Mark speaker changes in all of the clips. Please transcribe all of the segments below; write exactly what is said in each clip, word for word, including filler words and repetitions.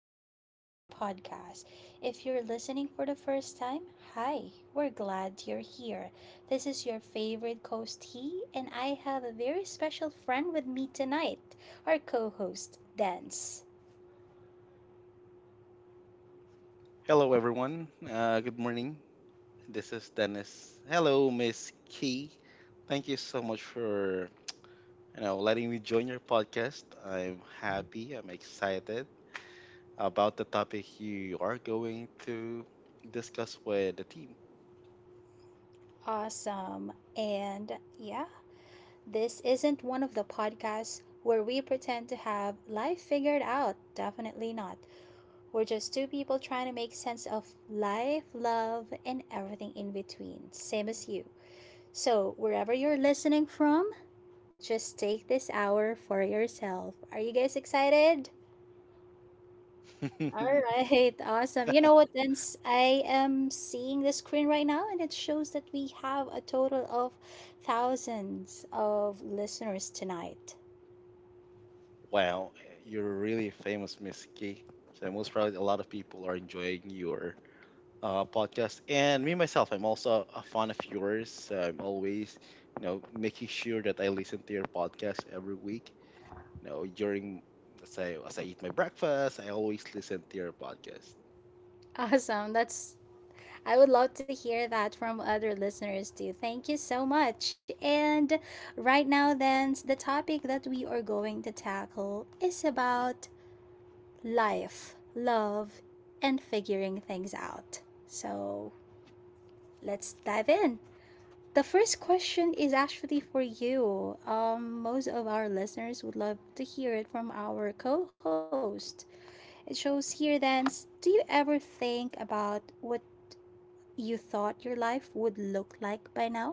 Speaker 1: to our podcast. If you're listening for the first time, hi, we're glad you're here. This is your favorite co host, He, and I have a very special friend with me tonight, our co host, Dance.
Speaker 2: Hello, everyone. Uh, good morning. This is Dennis. Hello, Miss Key. Thank you so much for you know letting me join your podcast. I'm happy. I'm excited about the topic you are going to discuss with the team.
Speaker 1: Awesome. And yeah, this isn't one of the podcasts where we pretend to have life figured out. Definitely not. We're just two people trying to make sense of life, love, and everything in between, same as you. So, wherever you're listening from, just take this hour for yourself. Are you guys excited? All right, awesome. You know what, Vince? I am seeing the screen right now, and it shows that we have a total of thousands of listeners tonight.
Speaker 2: Wow, you're really famous, Miss Key. So most probably a lot of people are enjoying your uh, podcast. And me myself, I'm also a fan of yours. So I'm always, you know, making sure that I listen to your podcast every week. You know, during let's say as I eat my breakfast, I always listen to your podcast.
Speaker 1: Awesome. That's I would love to hear that from other listeners too. Thank you so much. And right now, then, the topic that we are going to tackle is about life, love, and figuring things out. So let's dive in. The first question is actually for you. Um, most of our listeners would love to hear it from our co host. It shows here then, do you ever think about what you thought your life would look like by now?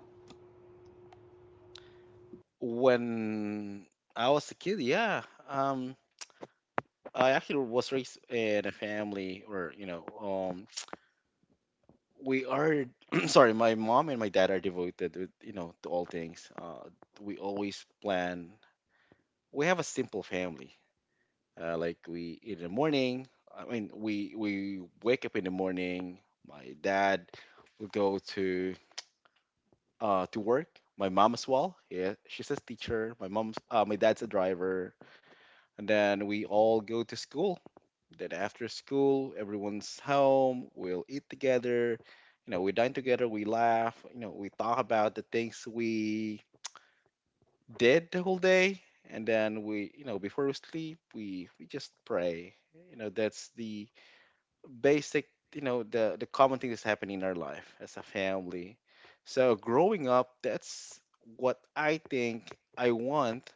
Speaker 2: When I was a kid, yeah, um, I actually was raised in a family where you know, um, we are. Sorry, my mom and my dad are devoted, to, you know, to all things. Uh, we always plan. We have a simple family, uh, like we in the morning I mean we we wake up in the morning. My dad will go to uh to work. My mom as well, yeah, she's a teacher. My mom's uh, my dad's a driver. And then we all go to school. Then after school, everyone's home, we'll eat together. You know, we dine together, we laugh. You know we talk about the things we did the whole day. And then, we you know before we sleep, we we just pray. You know that's the basic, you know the the common thing that's happening in our life as a family. So growing up, that's what I think I want,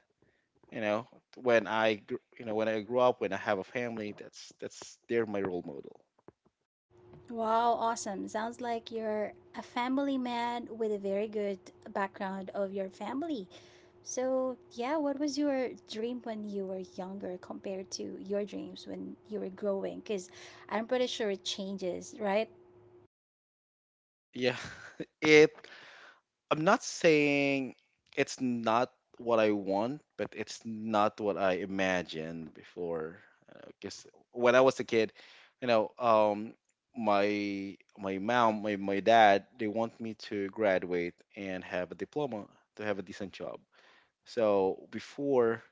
Speaker 2: you know when I gr- you know when I grow up, when I have a family. That's that's they're my role model.
Speaker 1: Wow, awesome. Sounds like you're a family man with a very good background of your family. So, yeah, what was your dream when you were younger compared to your dreams when you were growing? Because I'm pretty sure it changes, right?
Speaker 2: Yeah. it I'm not saying it's not what I want, but it's not what I imagined before. Because when I was a kid, you know, um, my my mom, my, my dad, they want me to graduate and have a diploma to have a decent job. So before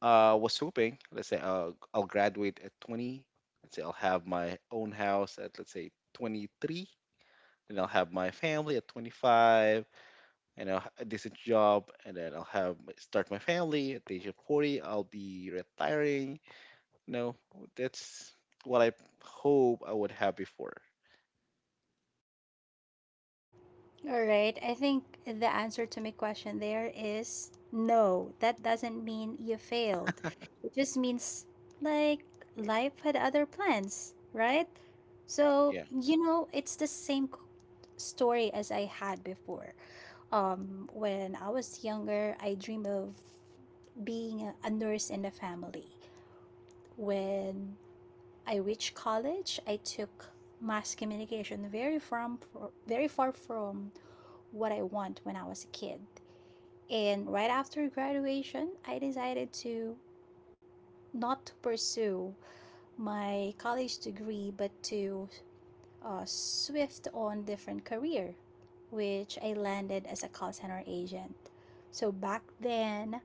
Speaker 2: I uh, was hoping, let's say I'll, I'll, graduate at twenty. Let's say I'll have my own house at, let's say, twenty-three, and I'll have my family at twenty-five, and I'll have a decent job. And then I'll have start my family. At the age of forty, I'll be retiring. You know, that's what I hope I would have before.
Speaker 1: All right. I think the answer to my question there is no. That doesn't mean you failed. It just means, like, life had other plans, right? So,
Speaker 2: Yeah.
Speaker 1: you know, it's the same story as I had before. Um, when I was younger, I dreamed of being a a nurse in the family. When I reached college, I took mass communication, very from very far from what I want when I was a kid. And right after graduation, I decided to not to pursue my college degree but to uh, swift on different career, which I landed as a call center agent. So back then,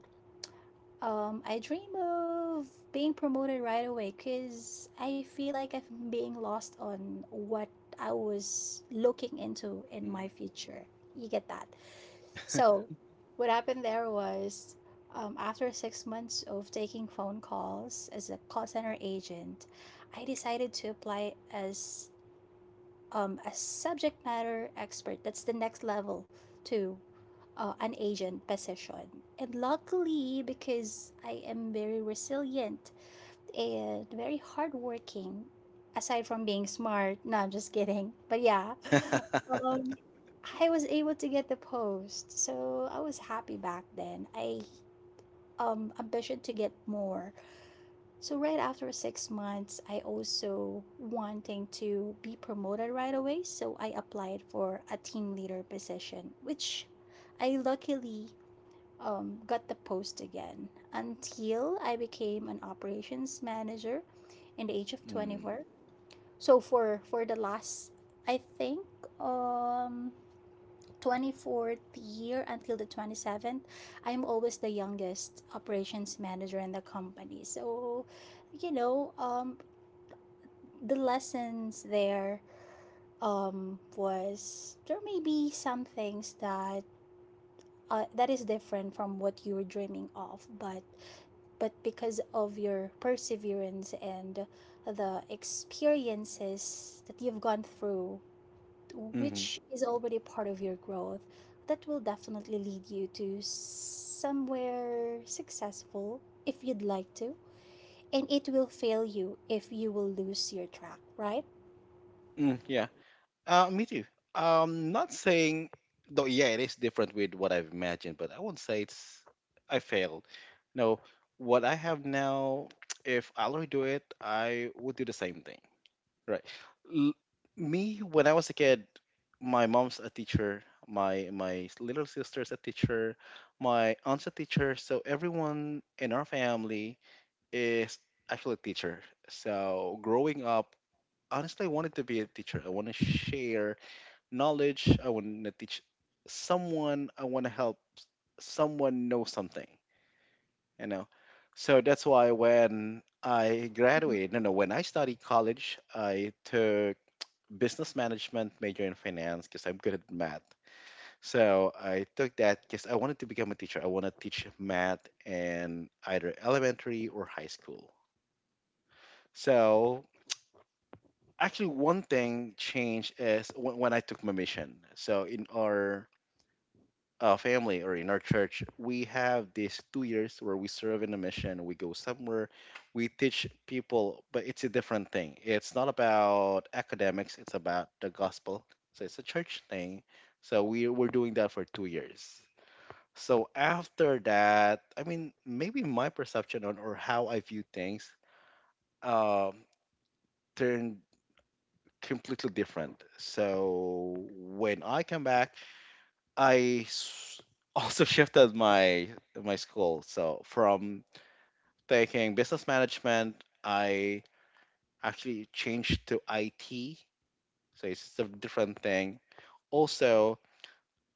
Speaker 1: um, I dream of being promoted right away because I feel like I'm being lost on what I was looking into in my
Speaker 2: Mm.
Speaker 1: future. You get that? So, what happened there was, um, after six months of taking phone calls as a call center agent, I decided to apply as um, a subject matter expert. That's the next level to uh, an agent position. And luckily, because I am very resilient and very hardworking, aside from being smart, no, I'm just kidding. But yeah, um, I was able to get the post, so I was happy back then. I um ambition to get more, so right after six months, I also wanting to be promoted right away. So I applied for a team leader position, which I luckily um, got the post again until I became an operations manager in the age of
Speaker 2: Mm.
Speaker 1: twenty-four. So for for the last, I think um twenty-fourth year until the twenty-seventh, I'm always the youngest operations manager in the company. So, you know, um, the lessons there, um, was there may be some things that uh, that is different from what you were dreaming of, but but because of your perseverance and the experiences that you've gone through,
Speaker 2: Hmm.
Speaker 1: which is already part of your growth, that will definitely lead you to somewhere successful if you'd like to. And it will fail you if you will lose your track, right?
Speaker 2: Mm, yeah. Uh, me too. Um, not saying, though. Yeah, it is different with what I've imagined, but I won't say it's I failed. No, what I have now, if I'll redo it, I would do the same thing. Right. L- Me, when I was a kid, my mom's a teacher, my my little sister's a teacher, my aunt's a teacher. So everyone in our family is actually a teacher. So growing up, honestly, I wanted to be a teacher. I want to share knowledge. I want to teach someone. I want to help someone know something, you know. So that's why when I graduated, no, no, when I studied college, I took business management, major in finance, because I'm good at math. So I took that because I wanted to become a teacher. I want to teach math in either elementary or high school. So actually, one thing changed is when, when I took my mission. So in our uh, family, or in our church, we have these two years where we serve in a mission. We go somewhere, we teach people, but it's a different thing. It's not about academics, it's about the gospel. So it's a church thing. So we were doing that for two years. So after that, I mean, maybe my perception on, or how I view things, um, turned completely different. So when I come back, I s- also shifted my my school. So from taking business management, I actually changed to I T. So it's just a different thing. Also,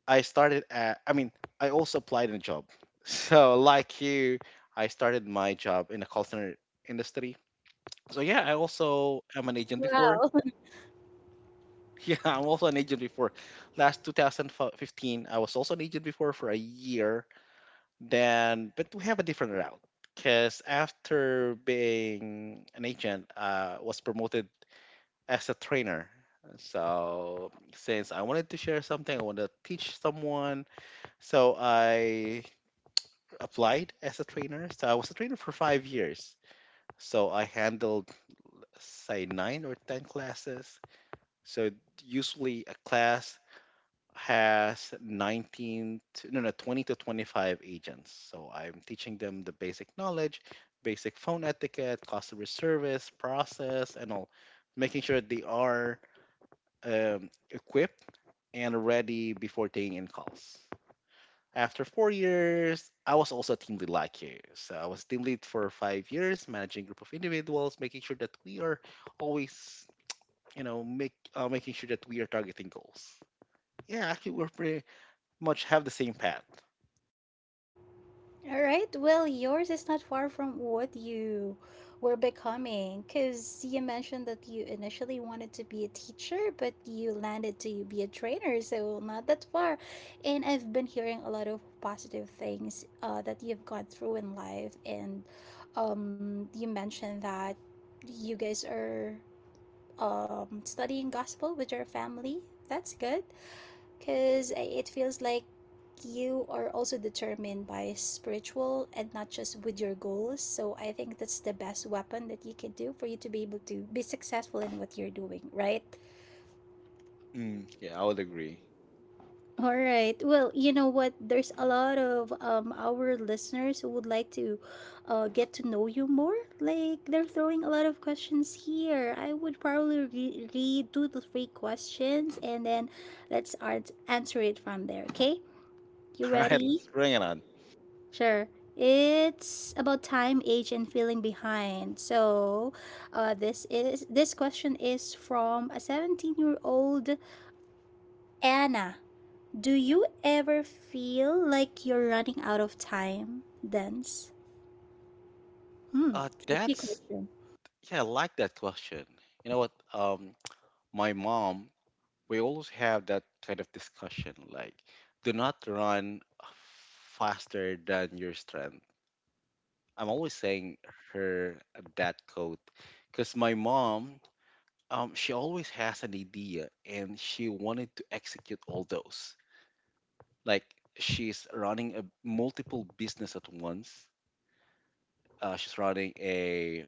Speaker 2: I started at, I mean, I also applied in a job. So like you, I started my job in a call center industry. So yeah, I also am an agent before.
Speaker 1: Wow.
Speaker 2: Yeah, I'm also an agent before. Last two thousand fifteen, I was also an agent before for a year. Then, but we have a different route, because after being an agent, uh, was promoted as a trainer. So since I wanted to share something, I want to teach someone, so I applied as a trainer. So I was a trainer for five years. So I handled, say, nine or ten classes. So usually a class has nineteen to, no no, twenty to twenty-five agents. So I'm teaching them the basic knowledge, basic phone etiquette, customer service process, and all, making sure they are, um, equipped and ready before taking in calls. After four years, I was also a team lead like you, so I was team lead for five years, managing group of individuals, making sure that we are always, you know, make uh, making sure that we are targeting goals. Yeah, actually, we're pretty much have the same path.
Speaker 1: All right. Well, yours is not far from what you were becoming because you mentioned that you initially wanted to be a teacher, but you landed to be a trainer. So, not that far. And I've been hearing a lot of positive things uh, that you've gone through in life. And um, you mentioned that you guys are um, studying gospel with your family. That's good because it feels like you are also determined by spiritual and not just with your goals. So I think that's the best weapon that you can do for you to be able to be successful in what you're doing, right?
Speaker 2: Mm, yeah, I would agree.
Speaker 1: All right. Well, you know what? There's a lot of um, our listeners who would like to uh, get to know you more. Like, they're throwing a lot of questions here. I would probably re- read two to three questions and then let's art- answer it from there, okay? You
Speaker 2: All right,
Speaker 1: ready?
Speaker 2: let's bring it on.
Speaker 1: Sure. It's about time, age, and feeling behind. So, uh, this is this question is from a seventeen-year-old Anna. Do you ever feel like you're running out of time? Dance. Hmm.
Speaker 2: Uh,
Speaker 1: Tricky
Speaker 2: that's
Speaker 1: question.
Speaker 2: Yeah, I like that question. You know what? Um, my mom, we always have that kind of discussion. Like, do not run faster than your strength. I'm always saying her that quote, because my mom, um, she always has an idea and she wanted to execute all those. Like, she's running a multiple business at once. Uh, she's running a,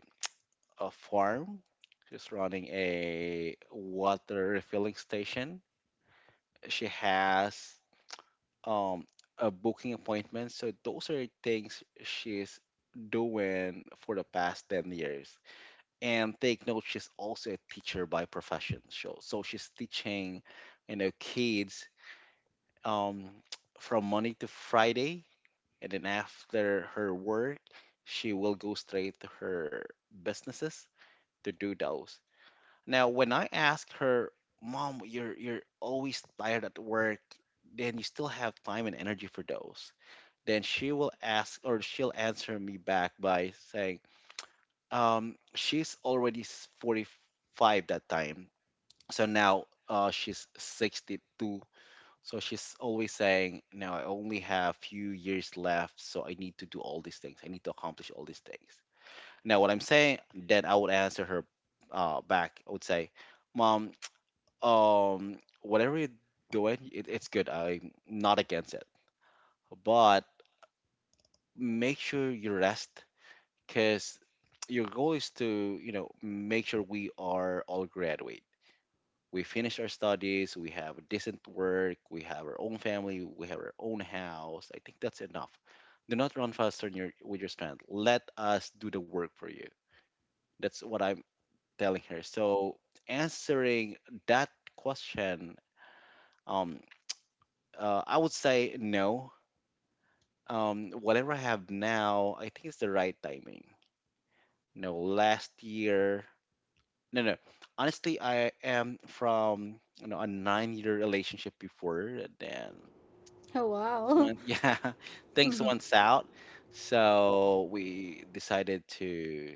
Speaker 2: a farm. She's running a water refilling station. She has um, a booking appointment. So those are things she's doing for the past ten years. And take note, she's also a teacher by profession. So, so she's teaching, you know, kids, um, from Monday to Friday. And then after her work, she will go straight to her businesses to do those. Now, when I asked her, "Mom, you're you're always tired at work, then you still have time and energy for those," then she will ask, or she'll answer me back by saying, um, "She's already s- forty-five that time, so now, uh, she's sixty-two." So she's always saying, "Now I only have few years left, so I need to do all these things. I need to accomplish all these things." Now, what I'm saying, then I would answer her uh, back. I would say, "Mom, um, whatever you're doing, it, it's good. I'm not against it, but make sure you rest, cause your goal is to, you know, make sure we are all graduate. We finish our studies. We have decent work. We have our own family. We have our own house. I think that's enough. Do not run faster than your, with your strength. Let us do the work for you." That's what I'm telling her. So answering that question, um, uh, I would say no. Um, whatever I have now, I think it's the right timing. No, last year, no, no, honestly, I am from, you know a nine-year relationship before, and then
Speaker 1: Oh
Speaker 2: things
Speaker 1: wow.
Speaker 2: went, yeah, things went south. So we decided to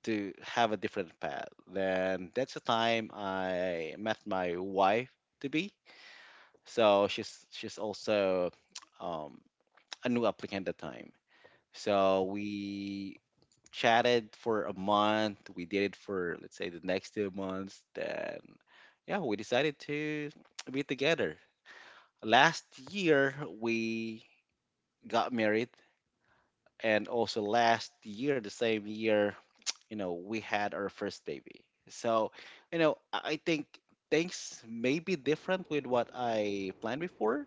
Speaker 2: to have a different path. Then that's the time I met my wife to be. So she's she's also um, a new applicant at the time. So we chatted for a month. We did it for, let's say, the next two months. Then yeah, we decided to be together. Last year we got married, and also last year, the same year, you know, we had our first baby. So you know, I I think things may be different with what I planned before,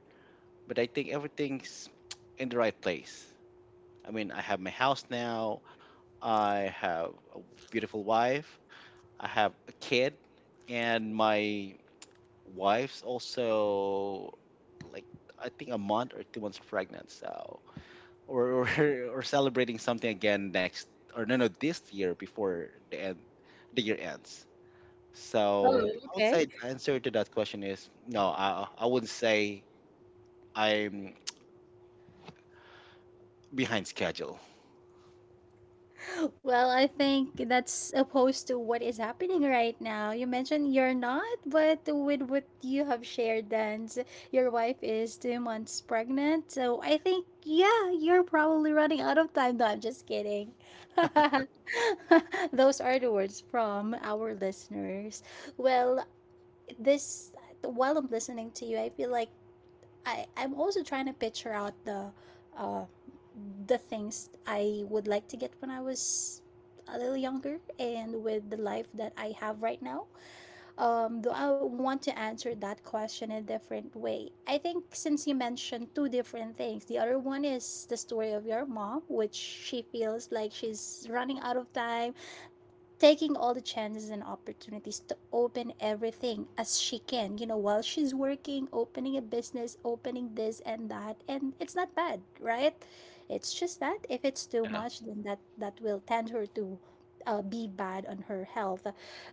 Speaker 2: but I think everything's in the right place. I mean, I have my house now, I have a beautiful wife, I have a kid, and my wife's also, like, I think a month or two months pregnant. So or or, or celebrating something again, next or no no this year, before the end the year ends. So
Speaker 1: Oh,
Speaker 2: I would
Speaker 1: okay.
Speaker 2: say the answer to that question is no. I I wouldn't say I'm behind schedule.
Speaker 1: Well, I think that's opposed to what is happening right now. You mentioned you're not, but with what you have shared, then s- your wife is two months pregnant. So I think, yeah, you're probably running out of time. No, I'm just kidding. Those are the words from our listeners. Well, this, while I'm listening to you, I feel like I I'm also trying to picture out the uh the things I would like to get when I was a little younger and with the life that I have right now. Um though I want to answer that question a different way. I think since you mentioned two different things, the other one is the story of your mom, which she feels like she's running out of time, taking all the chances and opportunities to open everything as she can, you know, while she's working, opening a business, opening this and that. And it's not bad, right? It's just that if it's too
Speaker 2: Yeah.
Speaker 1: much, then that, that will tend her to uh, be bad on her health.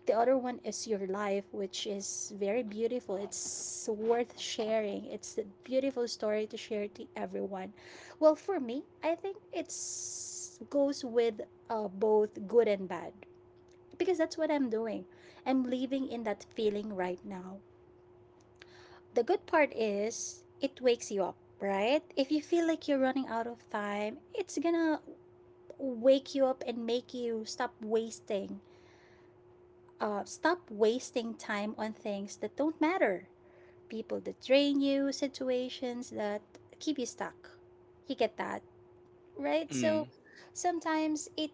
Speaker 1: The other one is your life, which is very beautiful. It's worth sharing. It's a beautiful story to share to everyone. Well, for me, I think it's goes with uh, both good and bad because that's what I'm doing. I'm living in that feeling right now. The good part is it wakes you up, right? If you feel like you're running out of time, it's gonna wake you up and make you stop wasting, uh, stop wasting time on things that don't matter, people that drain you, situations that keep you stuck. You get that, right? So
Speaker 2: Mm,
Speaker 1: sometimes it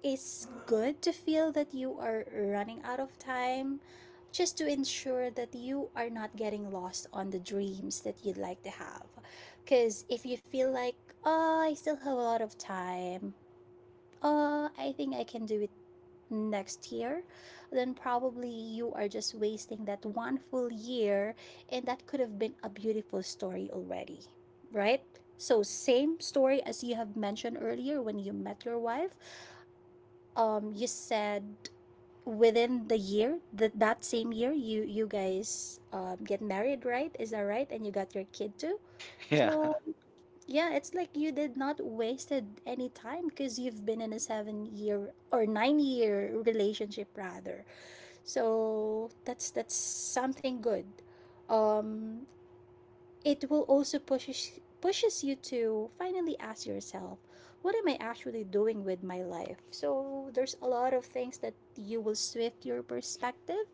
Speaker 1: it's good to feel that you are running out of time just to ensure that you are not getting lost on the dreams that you'd like to have. Because if you feel like, oh, I still have a lot of time, oh, I think I can do it next year, then probably you are just wasting that one full year, and that could have been a beautiful story already, right? So, same story as you have mentioned earlier when you met your wife. Um you said within the year, that that same year, you you guys um get married, right? Is that right? And you got your kid too.
Speaker 2: yeah.
Speaker 1: So yeah, it's like you did not wasted any time because you've been in a seven year or nine year relationship rather. So that's that's something good. um it will also pushes pushes you to finally ask yourself, what am I actually doing with my life? So there's a lot of things that you will shift your perspective.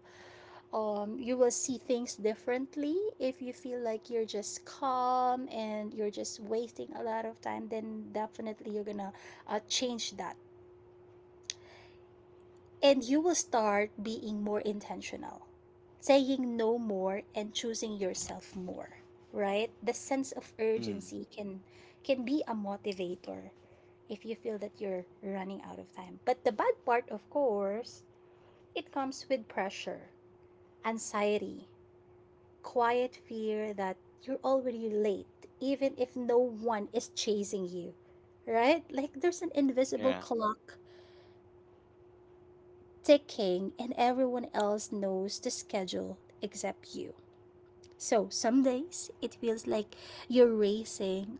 Speaker 1: um, You will see things differently. If you feel like you're just calm and you're just wasting a lot of time, then definitely you're gonna uh, change that, and you will start being more intentional, saying no more and choosing yourself more, right? The sense of
Speaker 2: Mm,
Speaker 1: urgency can can be a motivator if you feel that you're running out of time. But the bad part, of course, it comes with pressure, anxiety, quiet fear that you're already late even if no one is chasing you, right? Like there's an invisible
Speaker 2: yeah.
Speaker 1: clock the king and everyone else knows the schedule except you. So some days it feels like you're racing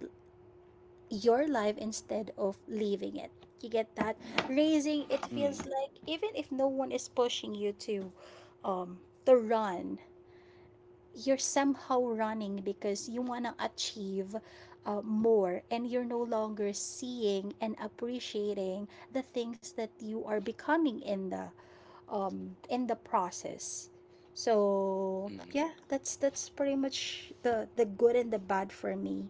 Speaker 1: your life instead of living it. You get that? Racing, it feels
Speaker 2: Mm,
Speaker 1: like even if no one is pushing you to um to run, you're somehow running because you wanna achieve uh, more, and you're no longer seeing and appreciating the things that you are becoming in the um in the process. So
Speaker 2: mm,
Speaker 1: yeah, that's that's pretty much the the good and the bad for me.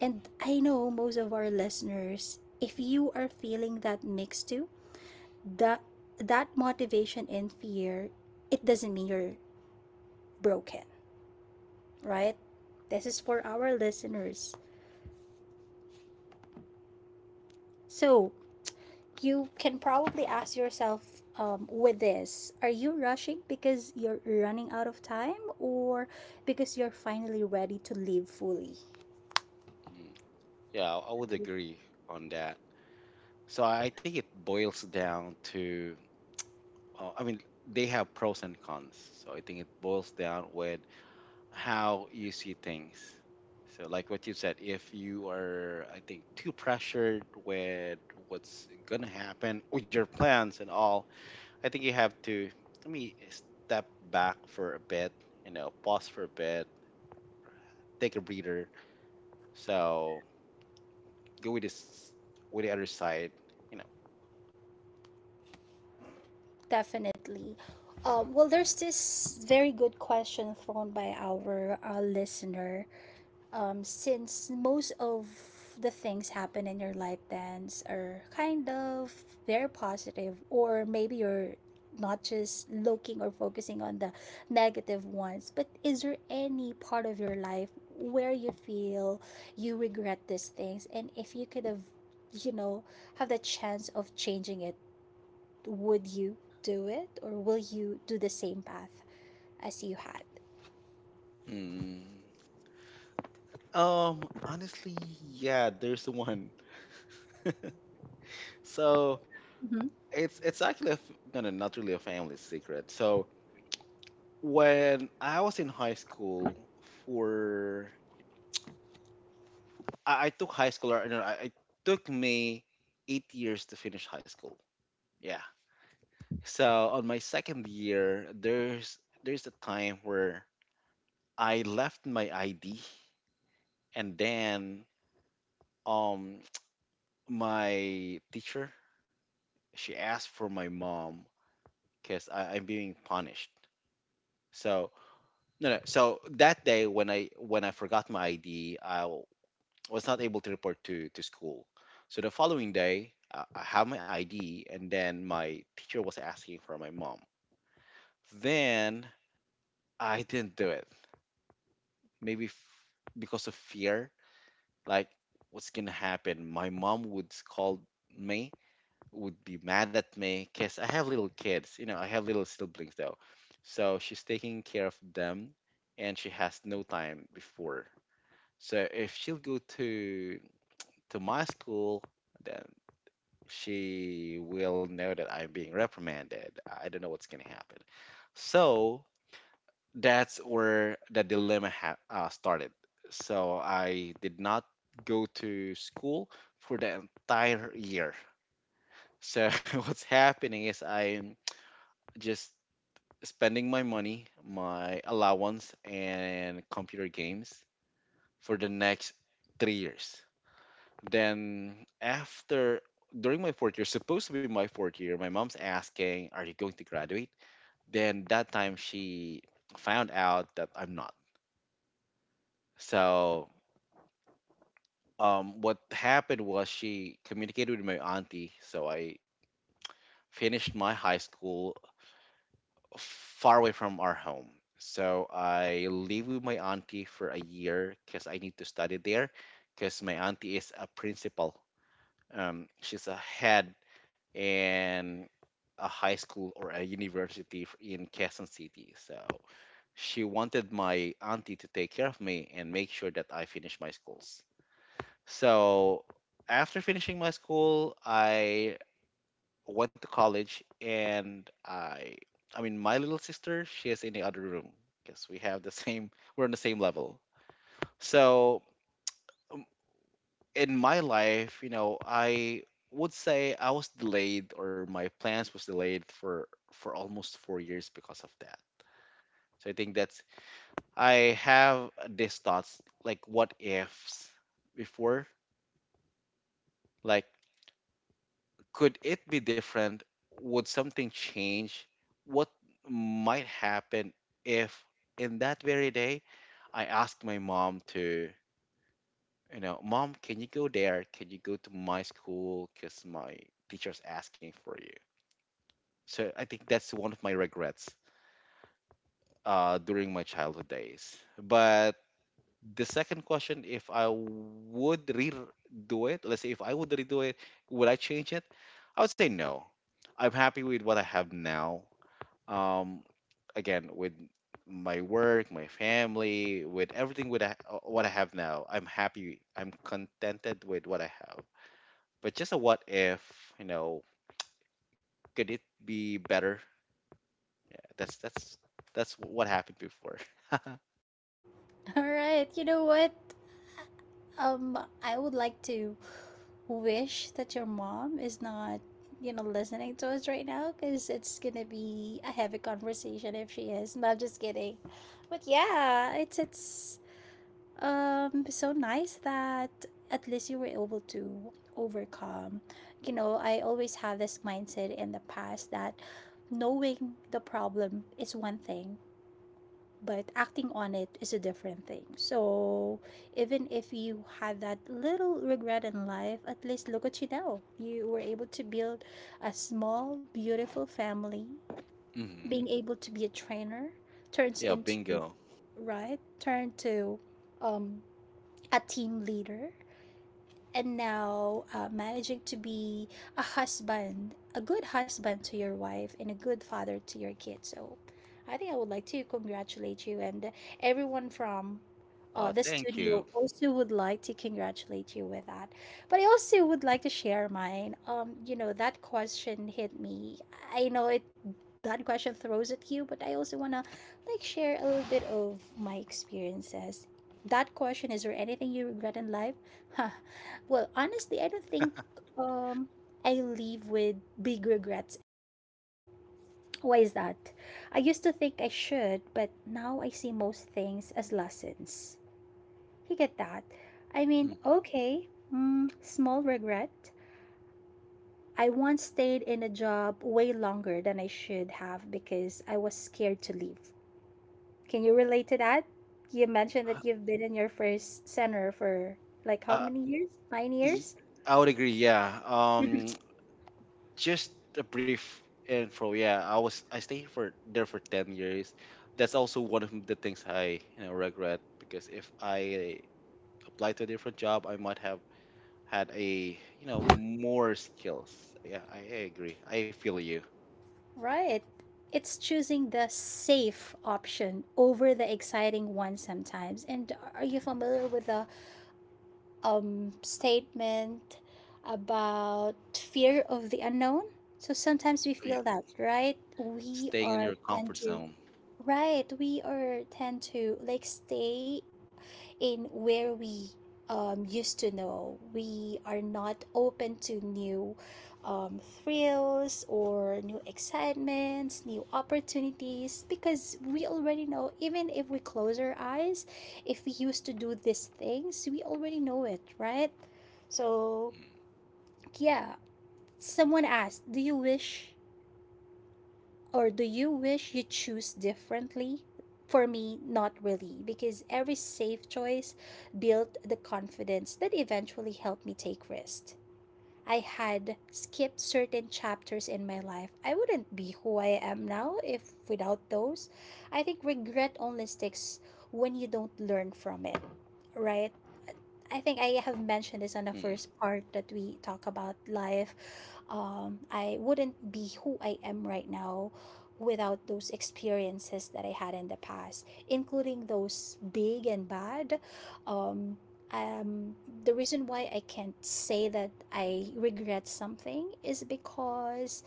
Speaker 1: And I know most of our listeners, if you are feeling that mix too, that that motivation and fear, it doesn't mean you're broken, right? This is for our listeners. So
Speaker 2: yeah.
Speaker 1: you can probably ask yourself, um, with this, are you rushing because you're running out of time or because you're finally ready to live fully?
Speaker 2: Mm. Yeah, I would agree on that. So I think it boils down to, uh, I mean, they have pros and cons. So I think it boils down with how you see things. So like what you said, if you are, I think, too pressured with what's gonna happen with your plans and all, I think you have to, let me step back for a bit, you know, pause for a bit, take a breather. So go with this, with the other side, you know.
Speaker 1: Definitely. Um, well, there's this very good question thrown by our uh, listener. Um, since most of the things happen in your life, Dance, are kind of very positive, or maybe you're not just looking or focusing on the negative ones, but is there any part of your life where you feel you regret these things, and if you could have, you know have the chance of changing it, would you do it, or will you do the same path as you had?
Speaker 2: Mm. Um, honestly, yeah, there's the one. So
Speaker 1: Hmm.
Speaker 2: it's it's actually a f no, no, not really a family secret. So when I was in high school, for I, I took high school, or no, I, I took me eight years to finish high school. Yeah. So on my second year, there's there's a time where I left my I D, and then um my teacher she asked for my mom because I'm being punished. So no, no. So that day when I when I forgot my I D, I w- was not able to report to to school. So the following day, I I have my I D, and then my teacher was asking for my mom. Then I didn't do it. Maybe f- because of fear, like what's gonna happen? My mom would scold me, would be mad at me because I have little kids. You know, I have little siblings though. So she's taking care of them and she has no time before. So if she'll go to to my school, then she will know that I'm being reprimanded. I don't know what's gonna happen. So that's where the dilemma ha- uh, started. So I did not go to school for the entire year. So what's happening is I'm just spending my money, my allowance, and computer games for the next three years. Then, after during my fourth year, supposed to be my fourth year, my mom's asking, are you going to graduate? Then, that time, she found out that I'm not. So, um, what happened was she communicated with my auntie. So, I finished my high school far away from our home. So I live with my auntie for a year because I need to study there because my auntie is a principal. Um, she's a head in a high school or a university f- in Quezon City. So she wanted my auntie to take care of me and make sure that I finish my schools. So after finishing my school, I went to college and I I mean my little sister she is in the other room because we have the same, we're on the same level. So um, in my life, you know, I would say I was delayed or my plans was delayed for for almost four years because of that. So I think that's I have these thoughts like what ifs before, like could it be different? Would something change? What might happen if in that very day I asked my mom to, you know, mom, can you go there? Can you go to my school? Because my teacher's asking for you. So I think that's one of my regrets uh, during my childhood days. But the second question, if I would redo it, let's say if I would redo it, would I change it? I would say no. I'm happy with what I have now. um Again with my work, my family, with everything, with I- what I have now, I'm happy, I'm contented with what I have, but just a what if, you know, could it be better? that's that's that's what happened before.
Speaker 1: All right. You know what? Um, I would like to wish that your mom is not, you know, listening to us right now because it's gonna be a heavy conversation if she is. No, I'm just kidding. But yeah, it's it's um so nice that at least you were able to overcome. You know, I always have this mindset in the past that knowing the problem is one thing, but acting on it is a different thing. So even if you had that little regret in life, at least look at you now. You were able to build a small, beautiful family.
Speaker 2: Hmm.
Speaker 1: Being able to be a trainer turns
Speaker 2: Yeah,
Speaker 1: into,
Speaker 2: bingo.
Speaker 1: right, turn to um, a team leader, and now uh, managing to be a husband, a good husband to your wife, and a good father to your kids. So I think I would like to congratulate you, and everyone from uh,
Speaker 2: Uh,
Speaker 1: the
Speaker 2: thank
Speaker 1: studio
Speaker 2: you.
Speaker 1: also would like to congratulate you with that. But I also would like to share mine. Um, you know, that question hit me. I know it, that question throws at you, but I also wanna like share a little bit of my experiences. That question is there anything you regret in life? Huh, well, honestly, I don't think um I leave with big regrets. Why is that? I used to think I should, but now I see most things as lessons. You get that? I mean,
Speaker 2: Mhm.
Speaker 1: okay, mm, small regret. I once stayed in a job way longer than I should have because I was scared to leave. Can you relate to that? You mentioned that you've been in your first center for like how
Speaker 2: uh
Speaker 1: many years? Nine
Speaker 2: y-
Speaker 1: years?
Speaker 2: I would agree, yeah. Um just a brief intro. Yeah, I was I stayed for there for ten years. That's also one of the things I, you know, regret because if I applied to a different job, I might have had, a you know, more skills. Yeah, I, I agree. I feel you.
Speaker 1: Right. It's choosing the safe option over the exciting one sometimes. And are you familiar with the um, statement about fear of the unknown? So sometimes we
Speaker 2: Yeah,
Speaker 1: feel that, right? We
Speaker 2: staying in
Speaker 1: are
Speaker 2: your
Speaker 1: tend
Speaker 2: comfort
Speaker 1: to,
Speaker 2: zone.
Speaker 1: right? We are tend to like stay in where we um, used to know. We are not open to new um, thrills or new excitements, new opportunities, because we already know, even if we close our eyes, if we used to do these things, we already know it, right? So, yeah, someone asked, do you wish, or do you wish you choose differently? For me, not really, because every safe choice built the confidence that eventually helped me take risks. I had skipped certain chapters in my life. I wouldn't be who I am now if without those. I think regret only sticks when you don't learn from it, right? I think I have mentioned this on the
Speaker 2: Mm,
Speaker 1: first part that we talk about life. Um, I wouldn't be who I am right now without those experiences that I had in the past, including those big and bad. Um, um, the reason why I can't say that I regret something is because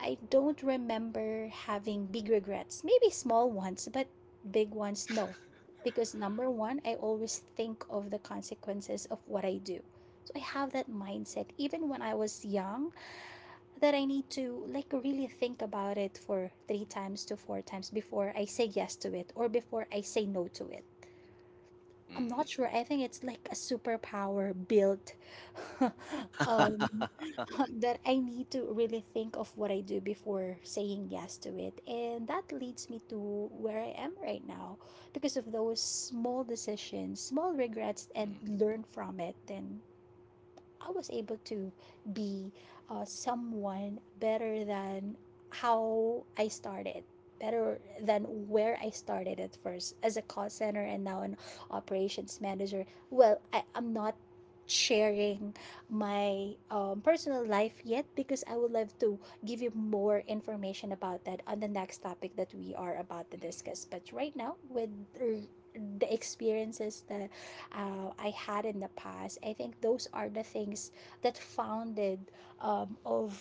Speaker 1: I don't remember having big regrets. Maybe small ones, but big ones, no, because number one, I always think of the consequences of what I do. So I have that mindset even when I was young, that I need to like really think about it for three times to four times before I say yes to it or before I say no to it.
Speaker 2: mm,
Speaker 1: I'm
Speaker 2: mm.
Speaker 1: not sure. I think it's like a superpower built um that I need to really think of what I do before saying yes to it. And that leads me to where I am right now because of those small decisions, small regrets, and
Speaker 2: Mm,
Speaker 1: learn from it, and I was able to be uh, someone better than how I started, better than where I started at first as a call center, and now an operations manager. Well, I, I'm not sharing my um, personal life yet because I would love to give you more information about that on the next topic that we are about to
Speaker 2: mm,
Speaker 1: discuss. But right now, with er, the experiences that uh, I had in the past. I think those are the things that founded um, of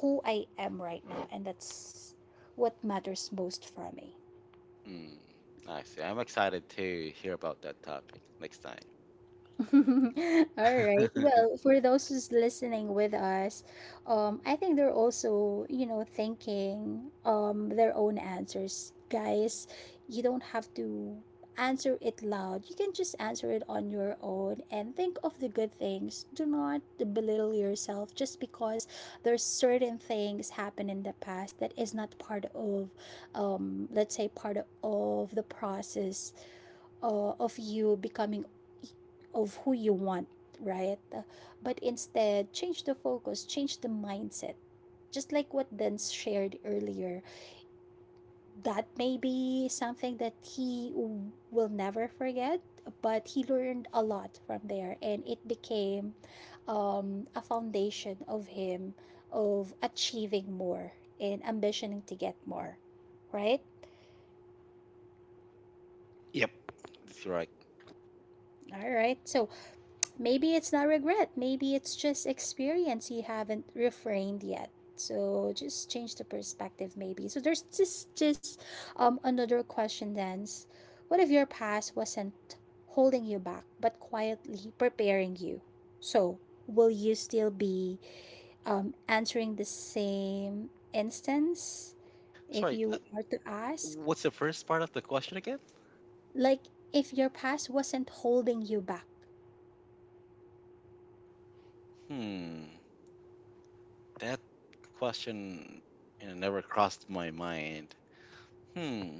Speaker 1: who I am right now, and that's what matters most for me.
Speaker 2: mm. Nice. I'm excited to hear about that topic next time.
Speaker 1: All right. Well, for those who's listening with us, um, I think they're also, you know, thinking um their own answers. Guys, you don't have to answer it loud. You can just answer it on your own and think of the good things. Do not belittle yourself just because there's certain things happen in the past that is not part of um let's say part of the process uh, of you becoming of who you want, right? But instead, change the focus, change the mindset. Just like what Denz shared earlier, that may be something that he w- will never forget, but he learned a lot from there and it became um, a foundation of him of achieving more and ambitioning to get more, right?
Speaker 2: Yep, that's right.
Speaker 1: All right. So maybe it's not regret. Maybe it's just experience you haven't refrained yet. So just change the perspective, maybe. So there's just just um another question then. What if your past wasn't holding you back, but quietly preparing you? So will you still be um, answering the same instance if
Speaker 2: Sorry,
Speaker 1: you are to ask?
Speaker 2: what's the first part of the question again?
Speaker 1: Like if your past wasn't holding you back,
Speaker 2: Hmm. That question, you know, never crossed my mind. Hmm.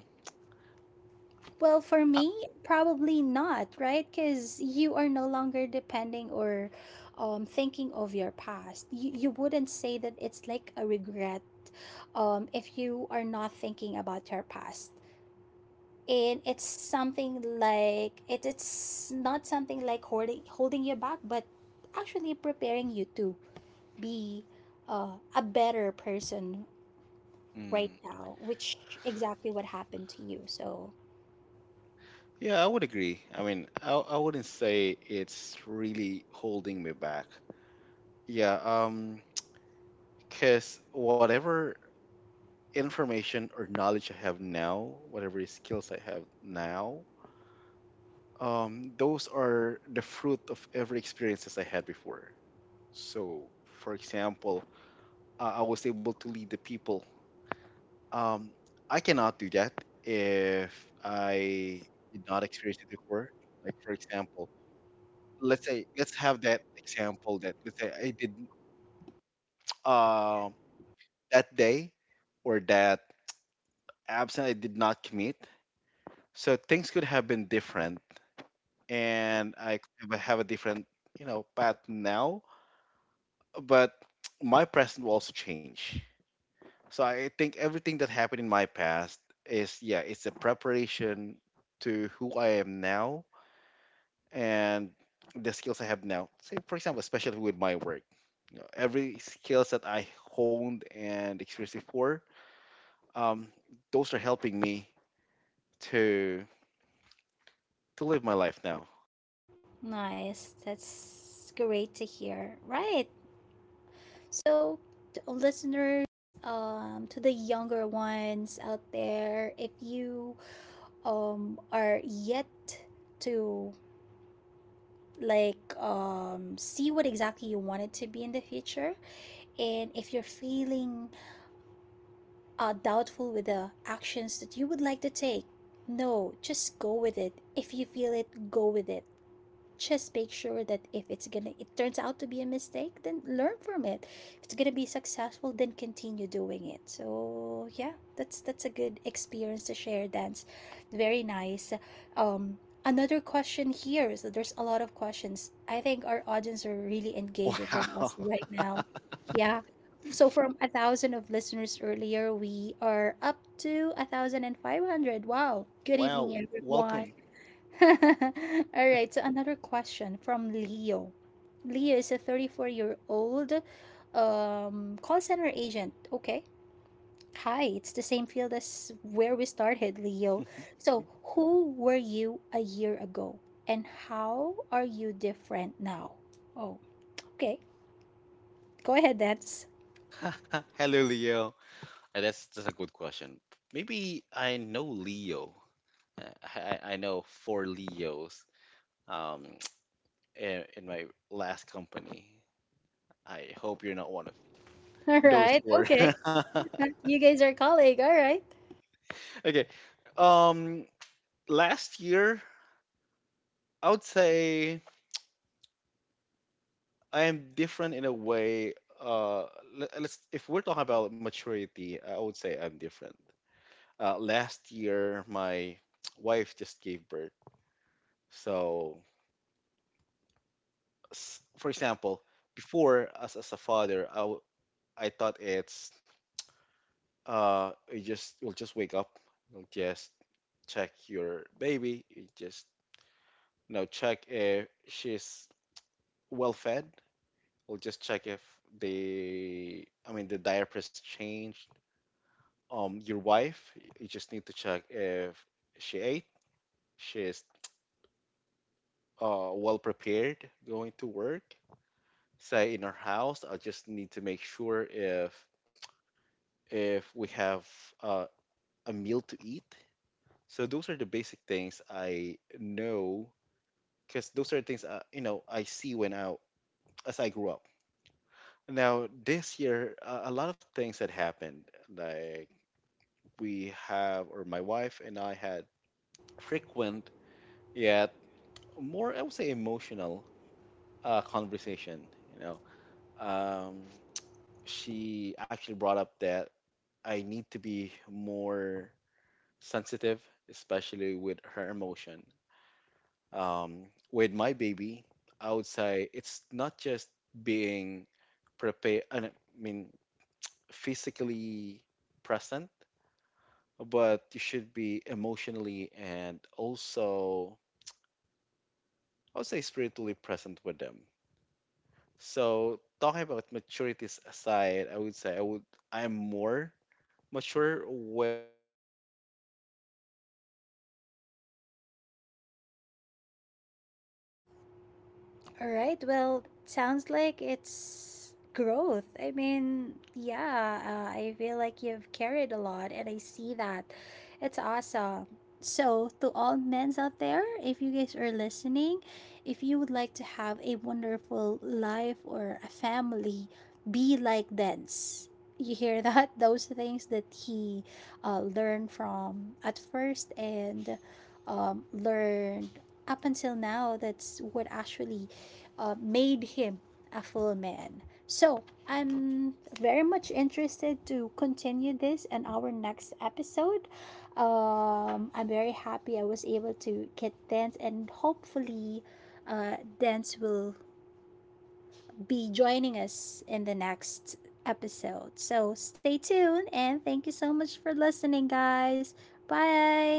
Speaker 1: well, for
Speaker 2: Uh,
Speaker 1: me, probably not, right? Because you are no longer depending or um, thinking of your past. You, you wouldn't say that it's like a regret um, if you are not thinking about your past. And it's something like it, it's not something like holding holding you back, but actually preparing you to be uh, a better person right
Speaker 2: hmm.
Speaker 1: now, which exactly what happened to you. So
Speaker 2: Yeah, I would agree. I mean, I, I wouldn't say it's really holding me back. Yeah, um, because whatever information or knowledge I have now, whatever skills I have now, um, those are the fruit of every experiences I had before. So, for example, uh, I was able to lead the people. Um, I cannot do that if I did not experience it before. Like for example, let's say let's have that example that let's say I did um that day or that absent I did not commit. So things could have been different, and I could have a have a different, you know, path now. But my present will also change. So I think everything that happened in my past is, yeah, it's a preparation to who I am now and the skills I have now. Say, for example, especially with my work, you know, every skills that I honed and experienced before, um, those are helping me to to live my life now.
Speaker 1: nice. That's great to hear. Right. So, to listeners, um, to the younger ones out there, if you um are yet to like um see what exactly you want it to be in the future, and if you're feeling uh, doubtful with the actions that you would like to take, no, just go with it. If you feel it, go with it. Just make sure that if it's gonna it turns out to be a mistake, then learn from it. If it's gonna be successful, then continue doing it. So yeah, that's that's a good experience to share, Dance. Very nice. um Another question here. So there's a lot of questions. I think our audience are really engaging with
Speaker 2: Wow,
Speaker 1: us right now. Yeah, so from a thousand of listeners earlier, we are up to a thousand and five hundred. Wow. Good evening,
Speaker 2: wow,
Speaker 1: everyone.
Speaker 2: welcome.
Speaker 1: All right, so another question from Leo. Leo is a thirty-four-year-old um, call center agent. Okay. Hi, it's the same field as where we started, Leo. So, who were you a year ago, and how are you different now? Oh, okay. Go ahead, that's
Speaker 2: Hello, Leo. Uh, That's that's a good question. Maybe I know Leo. Uh, I, I I know four Leos. Um, in, in my last company. I hope you're not one of
Speaker 1: all
Speaker 2: those
Speaker 1: right.
Speaker 2: four.
Speaker 1: Okay. You guys are colleague. All right.
Speaker 2: Okay. Um, Last year, I would say I am different in a way. Uh, le- let's, if we're talking about maturity, I would say I'm different. Uh, last year, my wife just gave birth. So, s- for example, before as as a father, I w- I thought it's uh, you just you'll just wake up, you'll just check your baby, you just, you know, check if she's well fed. We'll just check if they, I mean, the diapers changed. Um, your wife, you just need to check if she ate, she's uh, well prepared going to work. Say in our house, I just need to make sure if if we have uh, a meal to eat. So those are the basic things I know because those are things I, you know, I see when I, as I grew up. Now this year, uh, a lot of things had happened. Like we have, or my wife and I had frequent yet more, I would say, emotional uh, conversation. You know, um, she actually brought up that I need to be more sensitive, especially with her emotion. Um, with my baby, I would say it's not just being prepared, I mean, physically present, but you should be emotionally and also, I would say, spiritually present with them. So talking about maturities aside, I would say I would I am more mature with or compared with who I am last year.
Speaker 1: All right. Well, it sounds like it's growth. I mean, yeah, uh, I feel like you've carried a lot, and I see that. It's awesome. So, to all men's out there, if you guys are listening, if you would like to have a wonderful life or a family, be like Dance. You hear that? Those things that he uh, learned from at first and um, learned up until now, that's what actually uh, made him a full man. So I'm very much interested to continue this in our next episode. Um, I'm very happy I was able to get Dance, and hopefully, uh, Dance will be joining us in the next episode. So stay tuned, and thank you so much for listening, guys. Bye.